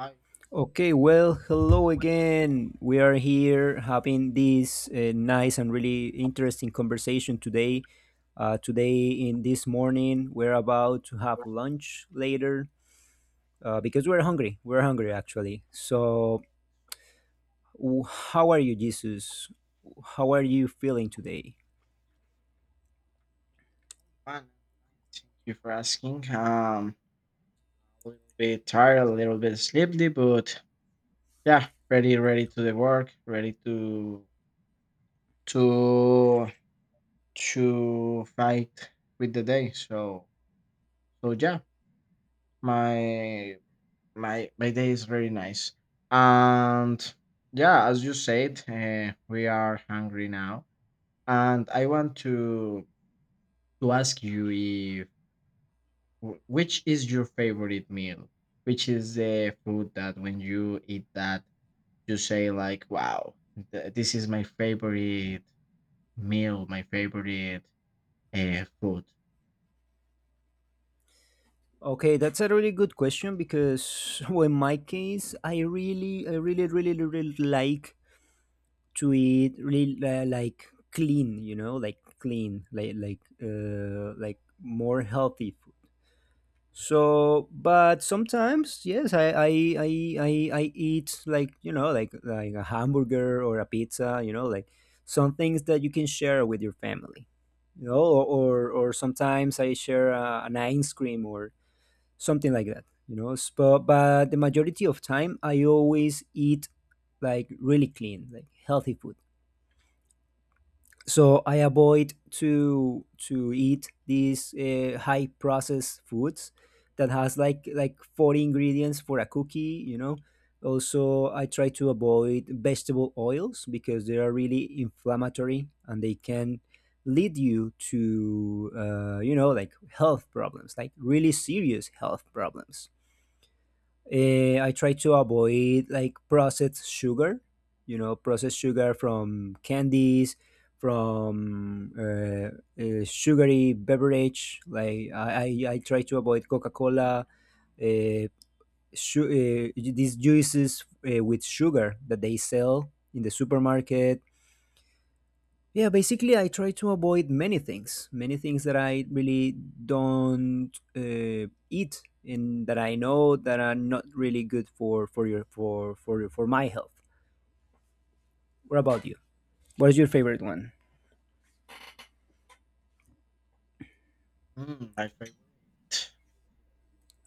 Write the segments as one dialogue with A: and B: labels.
A: Hi,
B: Okay, well, hello again. We are here having this nice and really interesting conversation today. Today, in this morning, we're about to have lunch later because we're hungry. We're hungry, actually. So, how are you, Jesus? How are you feeling today?
A: I'm fine. Thank you for asking. A little bit tired, a little bit sleepy, but yeah, ready to the work, ready to to fight with the day. Yeah, my my day is very nice, and yeah, as you said, we are hungry now, and I want to ask you Which is your favorite meal? Which is the food that when you eat that, you say like, "Wow, this is my favorite meal, my favorite food."
B: Okay, that's a really good question because, well, in my case, I really, I really like to eat really like clean, you know, like clean, like more healthy food. So but sometimes yes, I eat, like, you know, like a hamburger or a pizza, you know, like some things that you can share with your family, you know, or sometimes I share an ice cream or something like that, you know. But the majority of time I always eat like really clean, like healthy food. So I avoid to eat these high processed foods that has like 40 ingredients for a cookie, you know. Also I try to avoid vegetable oils because they are really inflammatory and they can lead you to you know, like health problems, like really serious health problems. I try to avoid like processed sugar, you know, processed sugar from candies, from sugary beverage. Like I try to avoid Coca Cola, uh, these juices with sugar that they sell in the supermarket. Yeah, basically, I try to avoid many things that I really don't eat and that I know that are not really good for my health. What about you? What is your favorite one?
A: Mm, my favorite.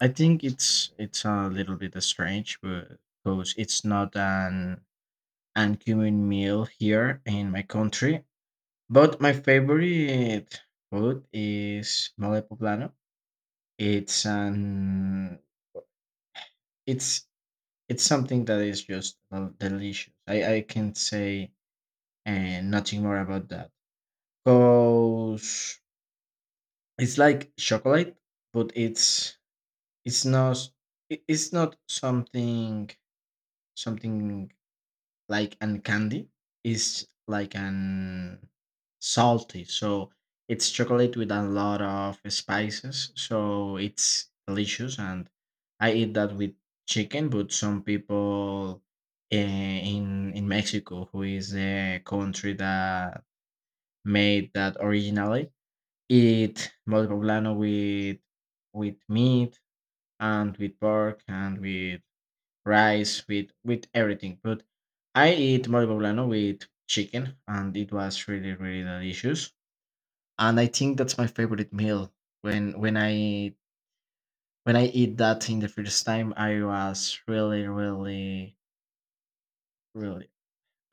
A: I think it's a little bit strange, but because it's not an uncommon meal here in my country. But my favorite food is mole poblano. It's an it's it's something that is just delicious. I can say and nothing more about that. Cause it's like chocolate, but it's not it's not something like and candy, is like an salty. So it's chocolate with a lot of spices, so it's delicious, and I eat that with chicken. But some people, eh, in Mexico, who is the country that made that originally, eat mole poblano with meat and with pork and with rice, with everything. But I eat mole poblano with chicken, and it was really really delicious. And I think that's my favorite meal. When when I when I eat that in the first time, I was really really really.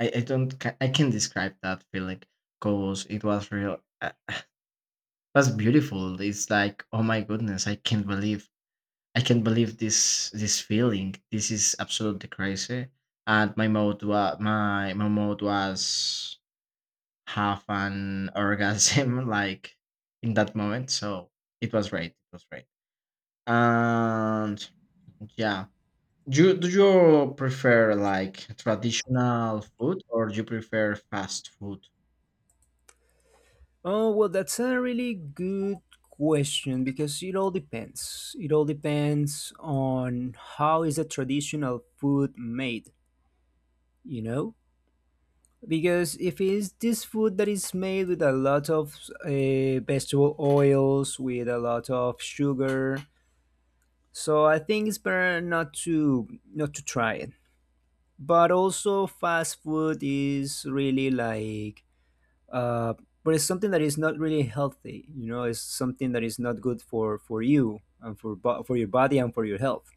A: I don't ca- I can describe that feeling because it was real. It was beautiful. It's like, oh my goodness, I can't believe this feeling. This is absolutely crazy. And my mode was half an orgasm like in that moment. So it was great. It was great. And yeah. Do you prefer like traditional food, or do you prefer fast food?
B: Oh well, that's a really good question because it all depends. It all depends on how is a traditional food made. You know, because if it's this food that is made with a lot of vegetable oils with a lot of sugar, so I think it's better not to try it. But also fast food is really like uh but it's something that is not really healthy, you know, it's something that is not good for your body and for your health.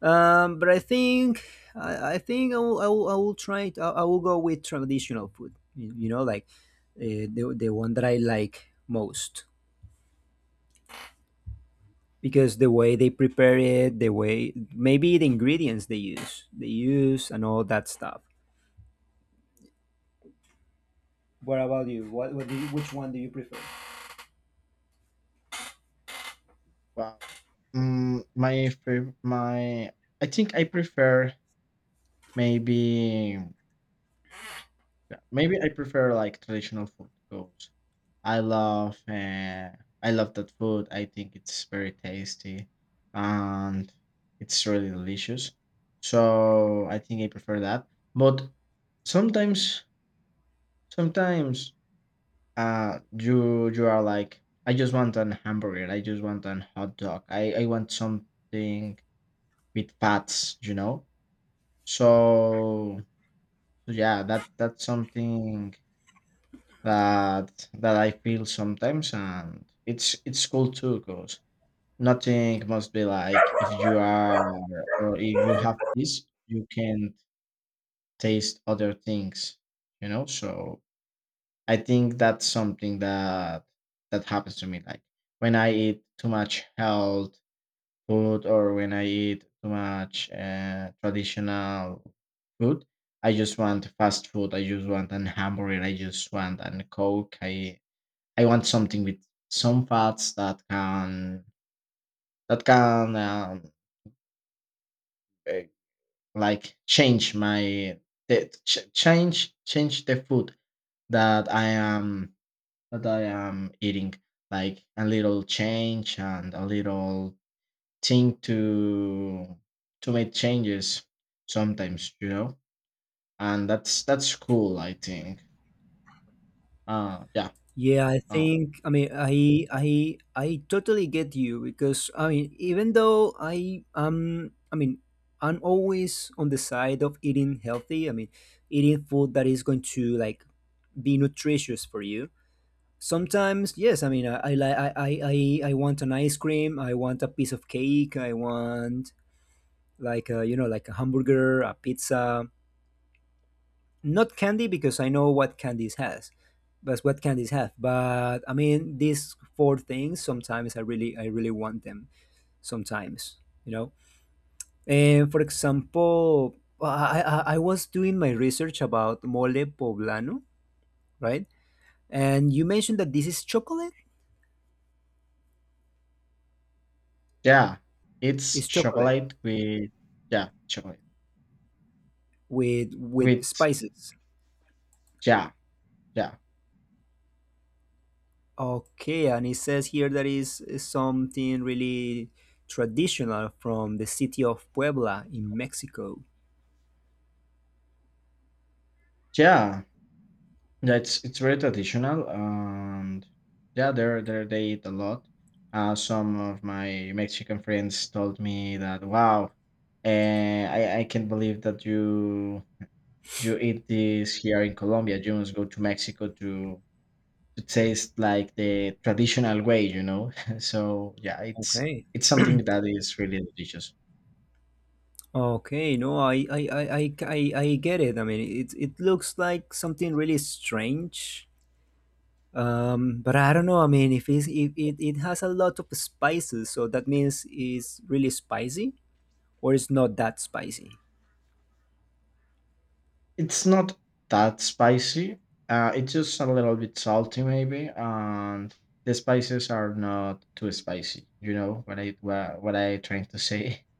B: But I think I will try it. I will go with traditional food. You know, like the one that I like most, because the way they prepare it, the way maybe the ingredients they use, and all that stuff. What about you? Which one do you prefer?
A: Wow. Mm, my fav- my I think I prefer maybe. Yeah, maybe I prefer like traditional food because I love uh, I love that food. I think it's very tasty, and it's really delicious. So I think I prefer that. But sometimes sometimes you you are like, I just want an hamburger. I just want an hot dog. I want something with fats, you know. So yeah, that's something that that I feel sometimes, and it's cool too, because nothing must be like. If you are, or if you have this, you can taste other things, you know. So I think that's something that that happens to me, like when I eat too much health food, or when I eat too much traditional food, I just want fast food. I just want an hamburger. I just want an coke. I want something with some thoughts that can that can um, eh, like change change the food that I am eating. Like a little change and a little thing to make changes sometimes, you know. And that's cool, I think. Yeah.
B: Yeah, I
A: uh,
B: think, I mean, I totally get you because, I mean, even though I'm always on the side of eating healthy. I mean, eating food that is going to like be nutritious for you. Sometimes yes, I mean, I li- I want an ice cream, I want a piece of cake, I want like a, you know, like a hamburger, a pizza, not candy because I know what candies has, but what candies have. But I mean, these four things sometimes I really want them sometimes, you know. And for example, well, I was doing my research about mole poblano, right? And you mentioned that this is chocolate.
A: yeah it's
B: It's chocolate
A: chocolate with, yeah, chocolate
B: with
A: with,
B: spices.
A: yeah. Yeah.
B: Okay, and it says here that is something really traditional from the city of Puebla in Mexico.
A: Yeah. Yeah, it's very traditional, and yeah, they're they eat a lot. Some of my Mexican friends told me that, wow, I can't believe that you eat this here in Colombia. You must go to Mexico to taste like the traditional way, you know. So yeah, it's
B: Okay.
A: it's something that is really delicious.
B: Okay, no, I get it. I mean, it looks like something really strange. But I don't know. I mean, if it's, if it, it has a lot of spices, so that means it's really spicy, or it's not that spicy?
A: It's not that spicy. It's just a little bit salty, maybe, and the spices are not too spicy. You know what what I trying to say?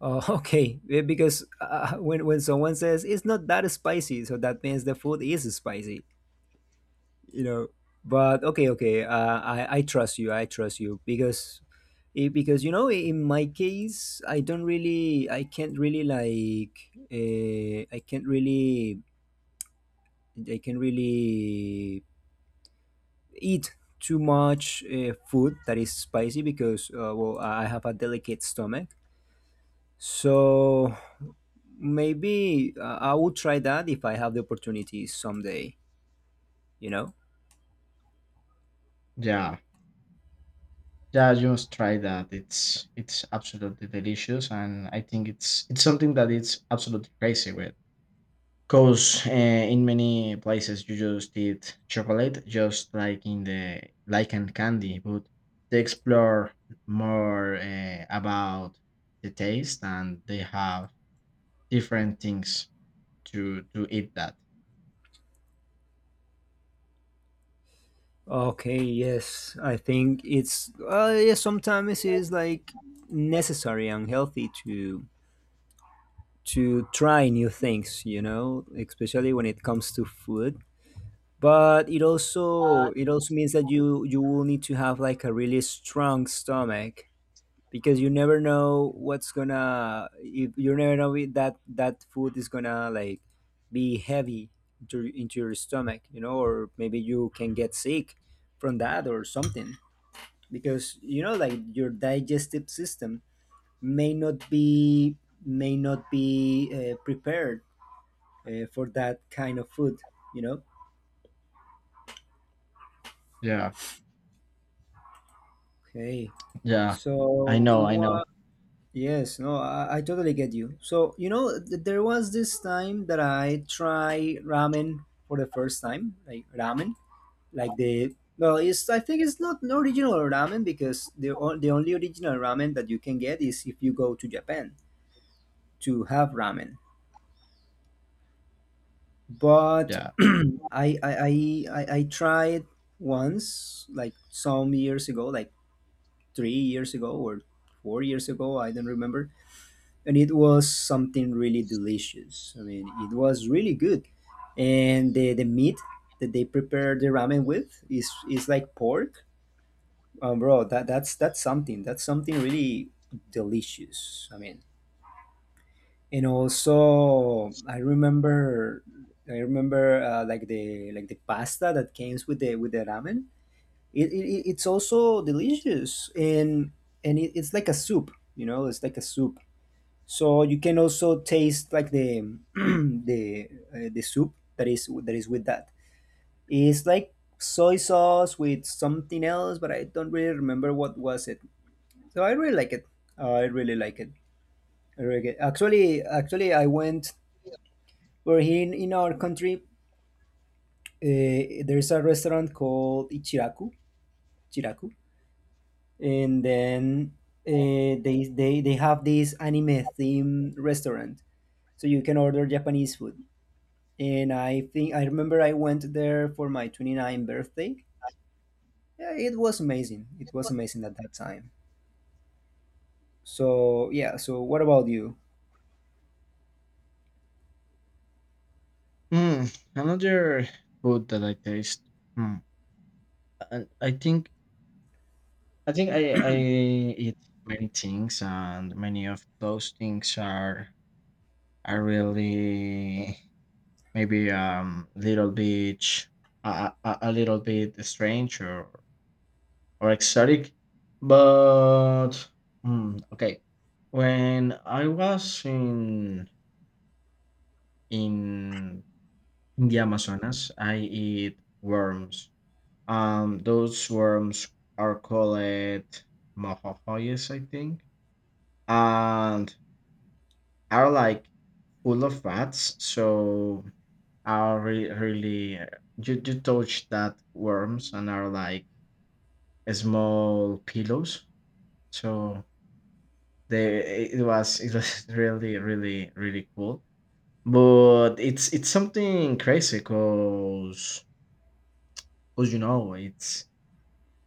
B: Oh, okay, because when someone says it's not that spicy, so that means the food is spicy, you know. But okay, okay, i trust you, I trust you, because because you know in my case I don't really, I can't really like I can't really I can really eat too much food that is spicy because, well, I have a delicate stomach. So maybe I will try that if I have the opportunity someday, you know.
A: Yeah, yeah. You must try that. It's absolutely delicious, and I think it's something that it's absolutely crazy with. 'Cause, in many places you just eat chocolate, just like in the like in candy, but they explore more, about the taste, and they have different things to eat that.
B: Okay, yes, I think it's yeah, sometimes it's like necessary and healthy to try new things, you know, especially when it comes to food. But it also means that you will need to have like a really strong stomach, because you never know what's gonna, you never know that that food is gonna like be heavy into your stomach, you know, or maybe you can get sick from that or something, because you know, like your digestive system may not be may not be prepared for that kind of food, you know.
A: Yeah,
B: Okay,
A: yeah. I
B: so
A: know, I know.
B: what. Yes, no, I totally get you. So you know, there was this time that I tried ramen for the first time. Like ramen, like the, well, it's, I think it's not an original ramen, because the, the only original ramen that you can get is if you go to japan to have ramen. But
A: Yeah.
B: I tried once, like some years ago, like 3 years ago or 4 years ago, I don't remember, and it was something really delicious. I mean, it was really good, and the meat that they prepare the ramen with is like pork. Bro, that's something. That's something really delicious. I mean, and also I remember like the, like the pasta that comes with the, with the ramen, it's also delicious. And it's like a soup, you know, it's like a soup. So you can also taste like the the the soup that is, that is with that. It's like soy sauce with something else, but I don't really remember what was it. So I really like it, I really like it, I really like it. Actually, I went. Where, here in our country, there's a restaurant called Ichiraku, Chiraku, and then they have this anime theme restaurant, so you can order Japanese food. And I think I remember I went there for my 29th birthday. Yeah, it was amazing. It was amazing at that time. So yeah. So what about you?
A: Mm, another food that I taste, mm, and I think I eat many things, and many of those things are really. Maybe little bit sh- a little bit strange or exotic. But hmm, okay, when I was in in the Amazonas, I eat worms. Those worms are called mojojoyes, I think, and are like full of fats. So are really, really you you touch that worms and are like small pillows. So they it was really really really cool. But it's something crazy, because you know it's,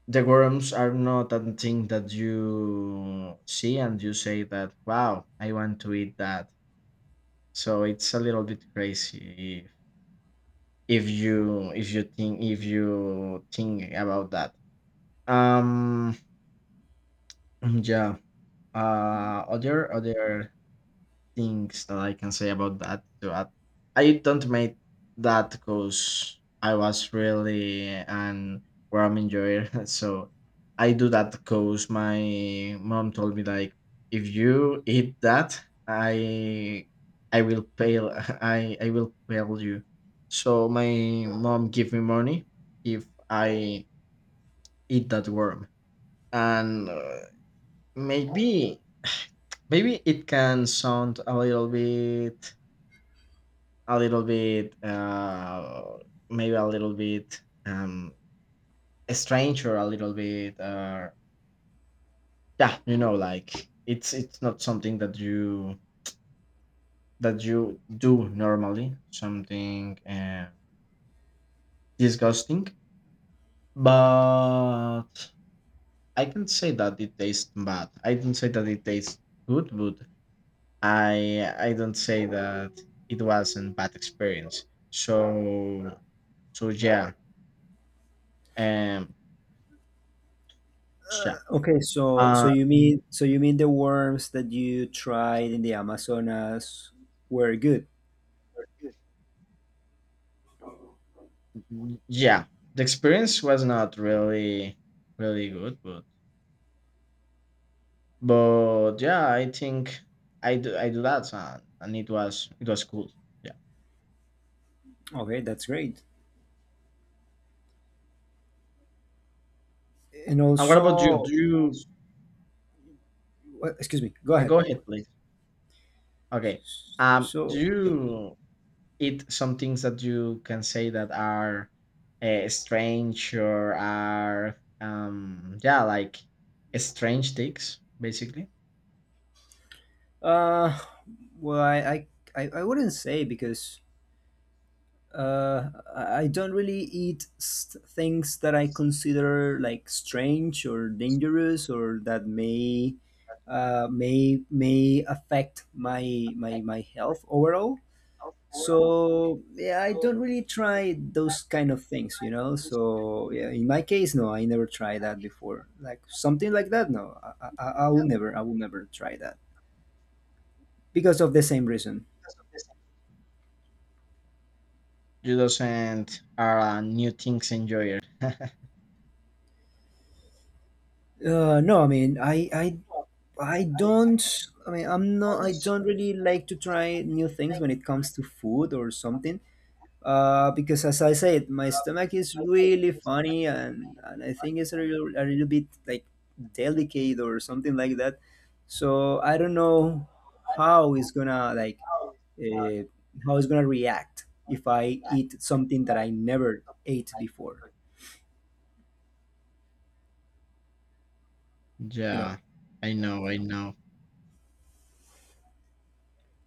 A: the worms are not that thing that you see and you say that, wow, I want to eat that. So it's a little bit crazy if you think, about that. Um, yeah. Other things that I can say about that to add, I don't make that because I was really an ram enjoyer. So I do that because my mom told me like, if you eat that, I I will pay. I will pay you. So my mom give me money if I eat that worm and. Maybe Maybe it can sound a little bit, a little bit, uh, maybe a little bit, strange, or a little bit, yeah, you know, like it's not something that you do normally, something disgusting. But I can say that it tastes bad. I didn't say that it tastes good, but I don't say that it was not bad experience. So yeah, um, yeah,
B: Okay, so so
A: uh,
B: you mean, so you mean the worms that you tried in the Amazonas were good?
A: yeah. The experience was not really, really good, but yeah, I think I do that, and it was cool. Yeah.
B: Okay, that's great. And
A: And what about you? Do
B: also,
A: you
B: well, excuse me, go ahead.
A: go ahead, please? Okay. Do
B: So yeah.
A: you eat some things that you can say that are strange, or are yeah, like strange things, basically?
B: uh well, I wouldn't say, because uh I don't really eat things that I consider like strange or dangerous or that may may affect my health overall. So yeah, I don't really try those kind of things, you know. So yeah, in my case, no, I never tried that before. Like something like that, no, I will never, I will never try that because of the same reason.
A: You and are a new things enjoyer.
B: No, I mean, I don't. I mean, I'm not. I don't really like to try new things when it comes to food or something. Because as I said, my stomach is really funny, and I think it's a little bit like delicate or something like that. So I don't know how it's gonna like uh, how it's gonna react if I eat something that I never ate before. You know.
A: Yeah, I know, I know.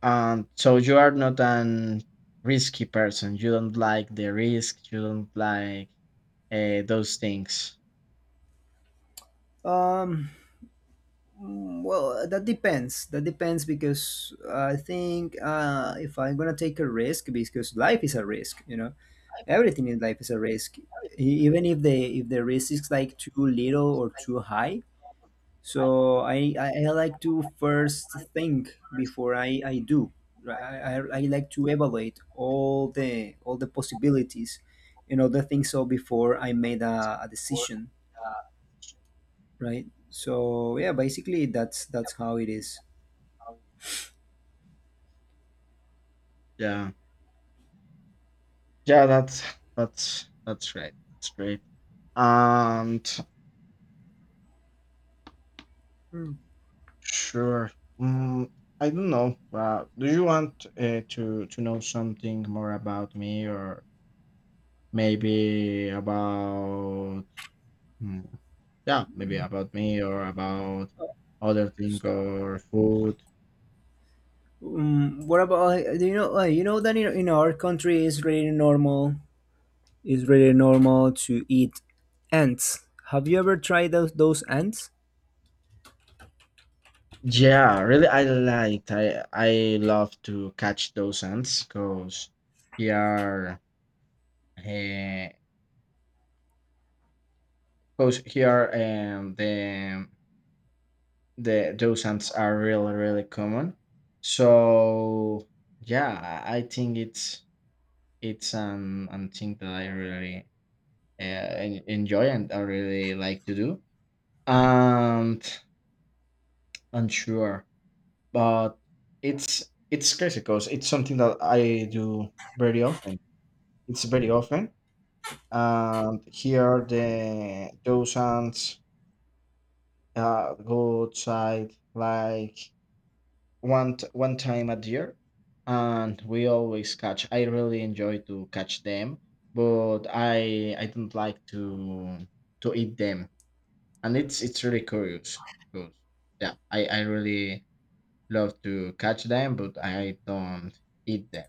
A: So you are not an risky person. You don't like the risk. You don't like those things.
B: Um. Mm, well, that depends. That depends because I think if I'm gonna take a risk, because life is a risk, you know, everything in life is a risk, even if the risk is like too little or too high. So I like to first think before I do. Right, I I like to evaluate all the possibilities and other things, so before I made a decision. Right, so yeah, basically that's how it is.
A: Yeah, yeah. That's that's right. That's great. And sure. Mm, I don't know. Do you want to know something more about me, or maybe about? hmm, Yeah, maybe about me or about other thing or food.
B: Um, what about, do you know, you know that in our country is really normal. It's really normal to eat ants. Have you ever tried those ants?
A: Yeah, really, I liked. I love to catch those ants because here, because here, um, the the those ants are really really common. So yeah, I think it's an thing that I really enjoy and I really like to do. And I'm sure. But it's crazy because it's something that I do very often. It's very often, and here are the those ants go outside like one time a year, and we always catch. I really enjoy to catch them, but I don't like to eat them, and it's really curious because yeah, I really love to catch them, but I don't eat them.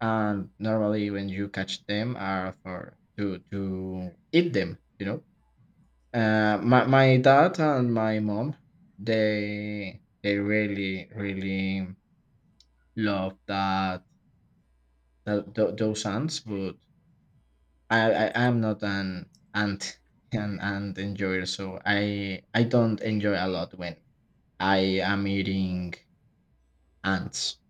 A: And normally when you catch them are for to eat them, you know. My dad and my mom, they really really love that, that those ants, but I am not an ant an ant enjoyer, so I don't enjoy a lot when I am eating ants.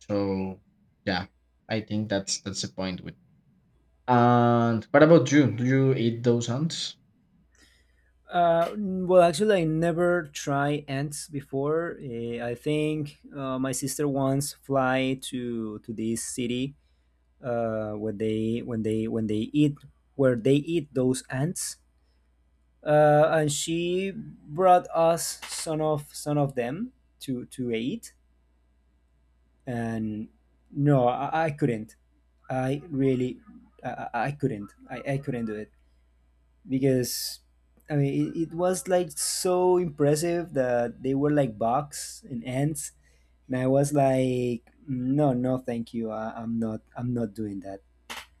A: So yeah, I think that's the point with. And what about you? Do you eat those ants?
B: Well, actually, I never try ants before. I think my sister once fly to this city when they when they when they eat where they eat those ants. And she brought us some of them to eat. And no, I couldn't. i really I couldn't, I couldn't do it, because it was like so impressive that they were like bugs and ants. And I was like, no, no, thank you. I'm not, I'm not doing that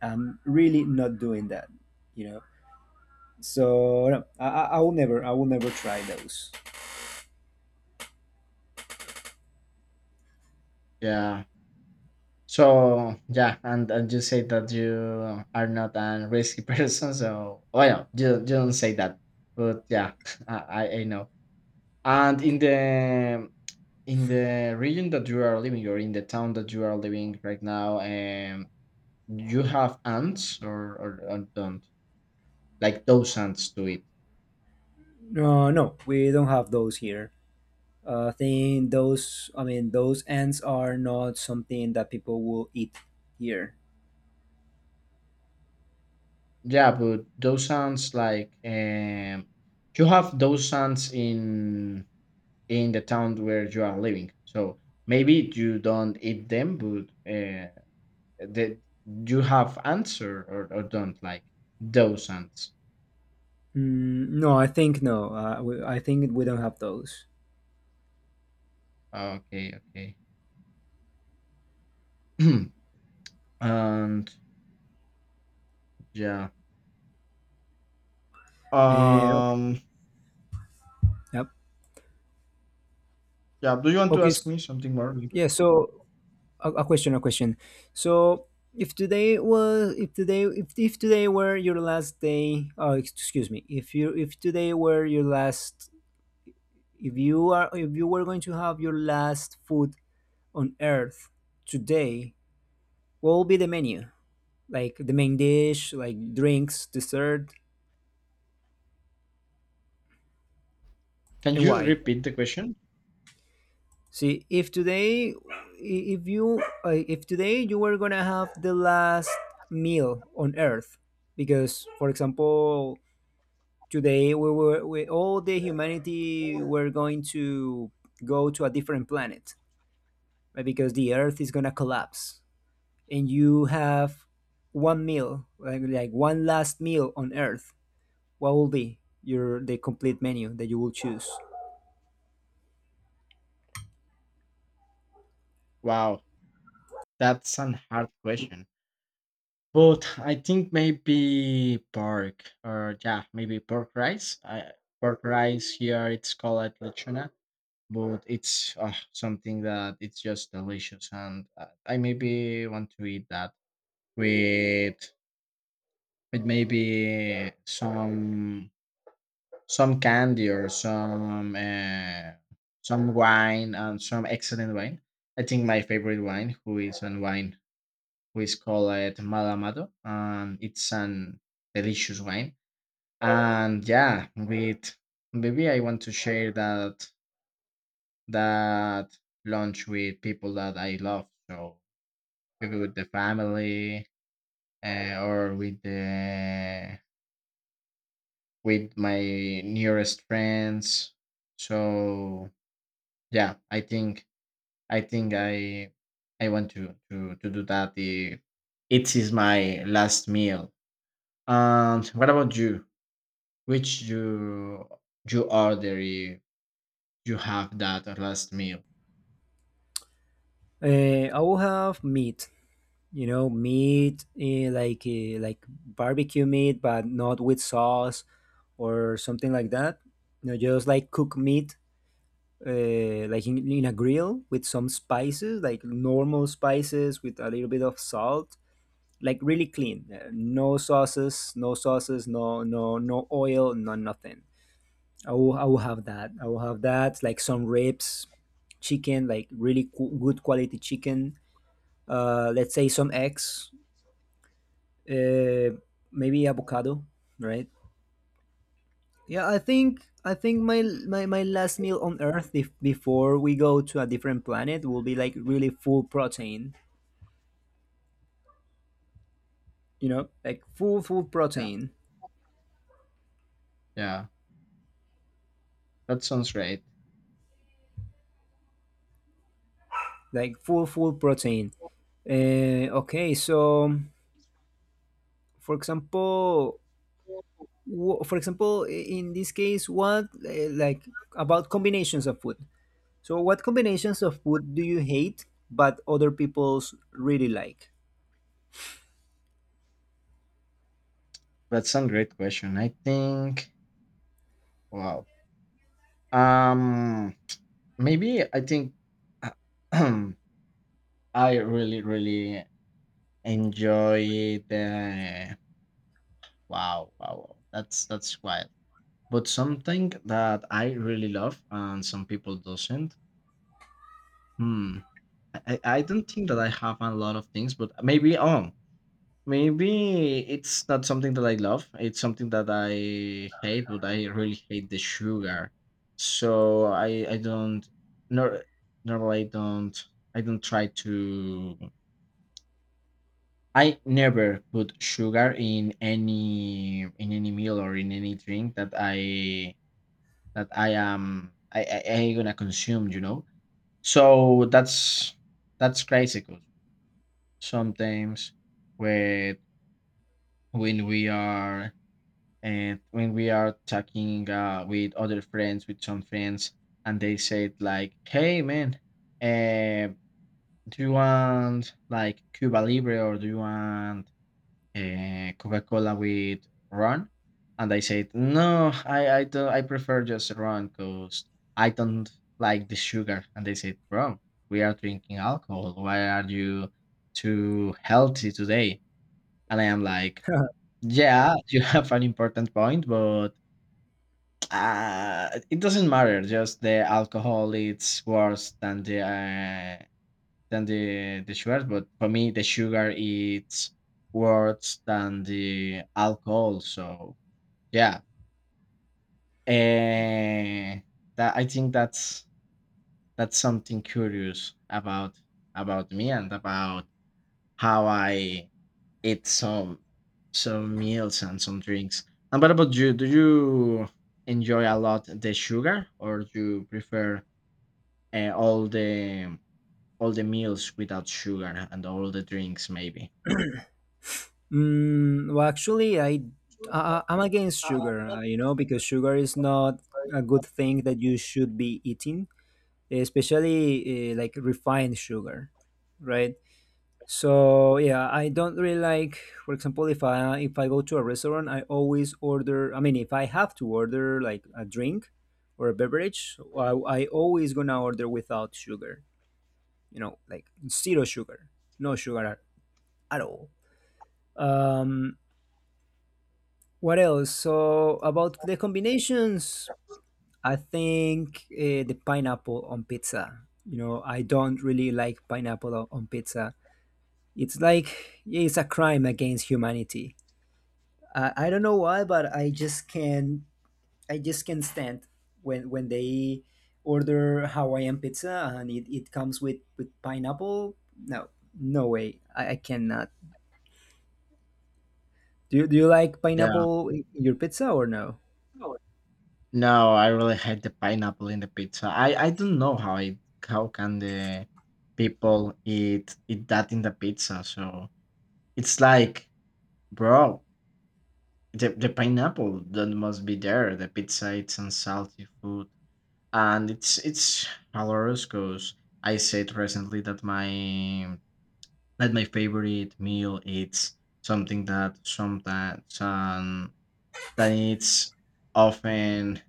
B: i'm really not doing that you know so no, I will never, I will never try those.
A: Yeah. So yeah, and you say that you are not a risky person. So oh yeah, you don't say that, but yeah, I I know. And in the region that you are living, or in the town that you are living right now, you have ants or don't like those ants to eat?
B: No, no, we don't have those here. Think those, those ants are not something that people will eat here.
A: Yeah, but those ants like you have those ants in the town where you are living. So maybe you don't eat them, but that you have answer or don't like those ants.
B: Mm, no, I think no. I think we don't have those.
A: Okay, okay. And yeah.
B: Eh, okay.
A: Um.
B: Yep.
A: Yeah. Do you want to
B: Okay,
A: ask me something more?
B: yeah, so a question, so if today was, if today were your last day, oh, excuse me, if you, if today were your last, if you are, if you were going to have your last food on Earth today, what will be the menu? Like the main dish, like drinks, dessert,
A: Can
B: and
A: you
B: why?
A: repeat the question?
B: See, if today, if you, if today you were gonna have the last meal on Earth, because, for example, today we were, we, all the humanity were going to go to a different planet, right? Because the Earth is gonna collapse, and you have one meal, like one last meal on Earth. What will be your, the complete menu that you will choose?
A: Wow, that's an hard question. But I think maybe pork, or yeah, maybe pork rice. Pork rice here it's called lechona, but it's something that it's just delicious, and I maybe want to eat that with with maybe some candy, or some wine and some excellent wine. I think my favorite wine, who is an wine who is called it Malamado, and it's an delicious wine. And yeah, with maybe I want to share that that lunch with people that I love. So maybe with the family or with the with my nearest friends. So yeah, I think I think I want to do that, if it is my last meal. And what about you? Which you order if you have that last meal?
B: I will have meat. You know, meat like barbecue meat, but not with sauce or something like that. You know, just like cook meat, like in a grill with some spices, like normal spices with a little bit of salt, like really clean. No sauces, no sauces, no, no, no oil, no nothing. I will have that. I will have that. Like some ribs, chicken, like really good quality chicken, let's say some eggs, uh, maybe avocado, right? Yeah, I think my, my last meal on Earth, if, before we go to a different planet, will be like really full protein. You know, like full
A: Yeah,
B: protein,
A: yeah, that sounds great.
B: like full protein. Okay, so for example, for example, in this case, what, like about combinations of food? So, what combinations of food do you hate but other people's really like?
A: That's a great question. I think wow. Um Maybe I think I really enjoy the wow wow wow. That's wild. But something that I really love and some people doesn't. Hmm. I don't think that I have a lot of things, but maybe oh, maybe it's not something that I love, it's something that I hate, but I really hate the sugar. So I don't, nor normally I don't, I don't try to, I never put sugar in any meal or in any drink that I, that I am I I, I gonna consume, you know. So that's crazy, 'cause sometimes with when we are, and when we are talking with other friends, with some friends, and they said like, "Hey man, uh, do you want like cuba libre or do you want coca-cola with rum?" And I said, "No, I don't, I prefer just rum because I don't like the sugar." And they said, "Bro, we are drinking alcohol, why are you too healthy today?" And I am like, yeah, you have an important point, but it doesn't matter. Just the alcohol, it's worse than the than the sugar. But for me, the sugar it's worse than the alcohol. So yeah, uh, that I think that's something curious about me and about how I eat some meals and some drinks. And what about you? Do you enjoy a lot the sugar, or you prefer all the, all the meals without sugar and all the drinks maybe?
B: Mm, well, actually, I I'm against
A: Uh,
B: sugar. You know, because sugar is not a good thing that you should be eating, especially like refined sugar, right? So yeah, I don't really like. For example, if I go to a restaurant, I always order. I mean, if I have to order like a drink or a beverage, I always gonna order without sugar, you know, like zero sugar, no sugar at all. Um, what else? So about the combinations, I think the pineapple on pizza. You know, I don't really like pineapple on pizza. It's like, yeah, it's a crime against humanity. I don't know why, but I just can, I just can't stand when they order Hawaiian pizza and it comes with pineapple. No, no way. I cannot. Do you like
A: yeah,
B: pineapple in your pizza or no?
A: no, I really hate the pineapple in the pizza. I don't know how it, how can the people eat that in the pizza. So it's like, bro, the pineapple that must be there, the pizza it's unsalty food. And it's hilarious because I said recently that my, like my favorite meal, it's something that sometimes that it's often,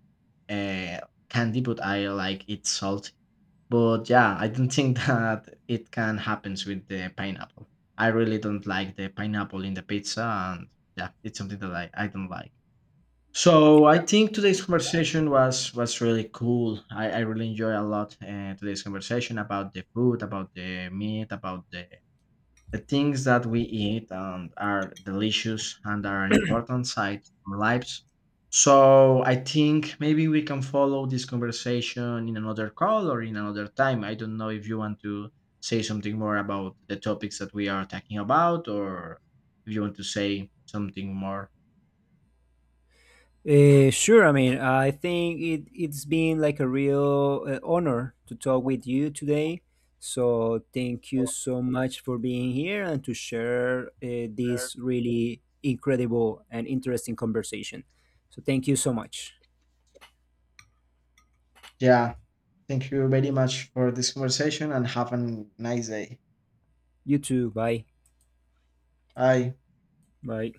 A: uh, candy, but I like it salty. But yeah, I don't think that it can happens with the pineapple. I really don't like the pineapple in the pizza, and yeah, it's something that I don't like. So I think today's conversation was really cool. I really enjoy a lot today's conversation about the food, about the meat, about the things that we eat and are delicious and are an important side of our lives. So I think maybe we can follow this conversation in another call or in another time. I don't know if you want to say something more about the topics that we are talking about, or if you want to say something more.
B: Yeah. Sure. I mean, I think it's been like a real honor to talk with you today. So thank you so much for being here and to share this really incredible and interesting conversation. So thank you so much.
A: Yeah. Thank you very much for this conversation, and have a nice day.
B: You too. Bye.
A: Bye.
B: Bye.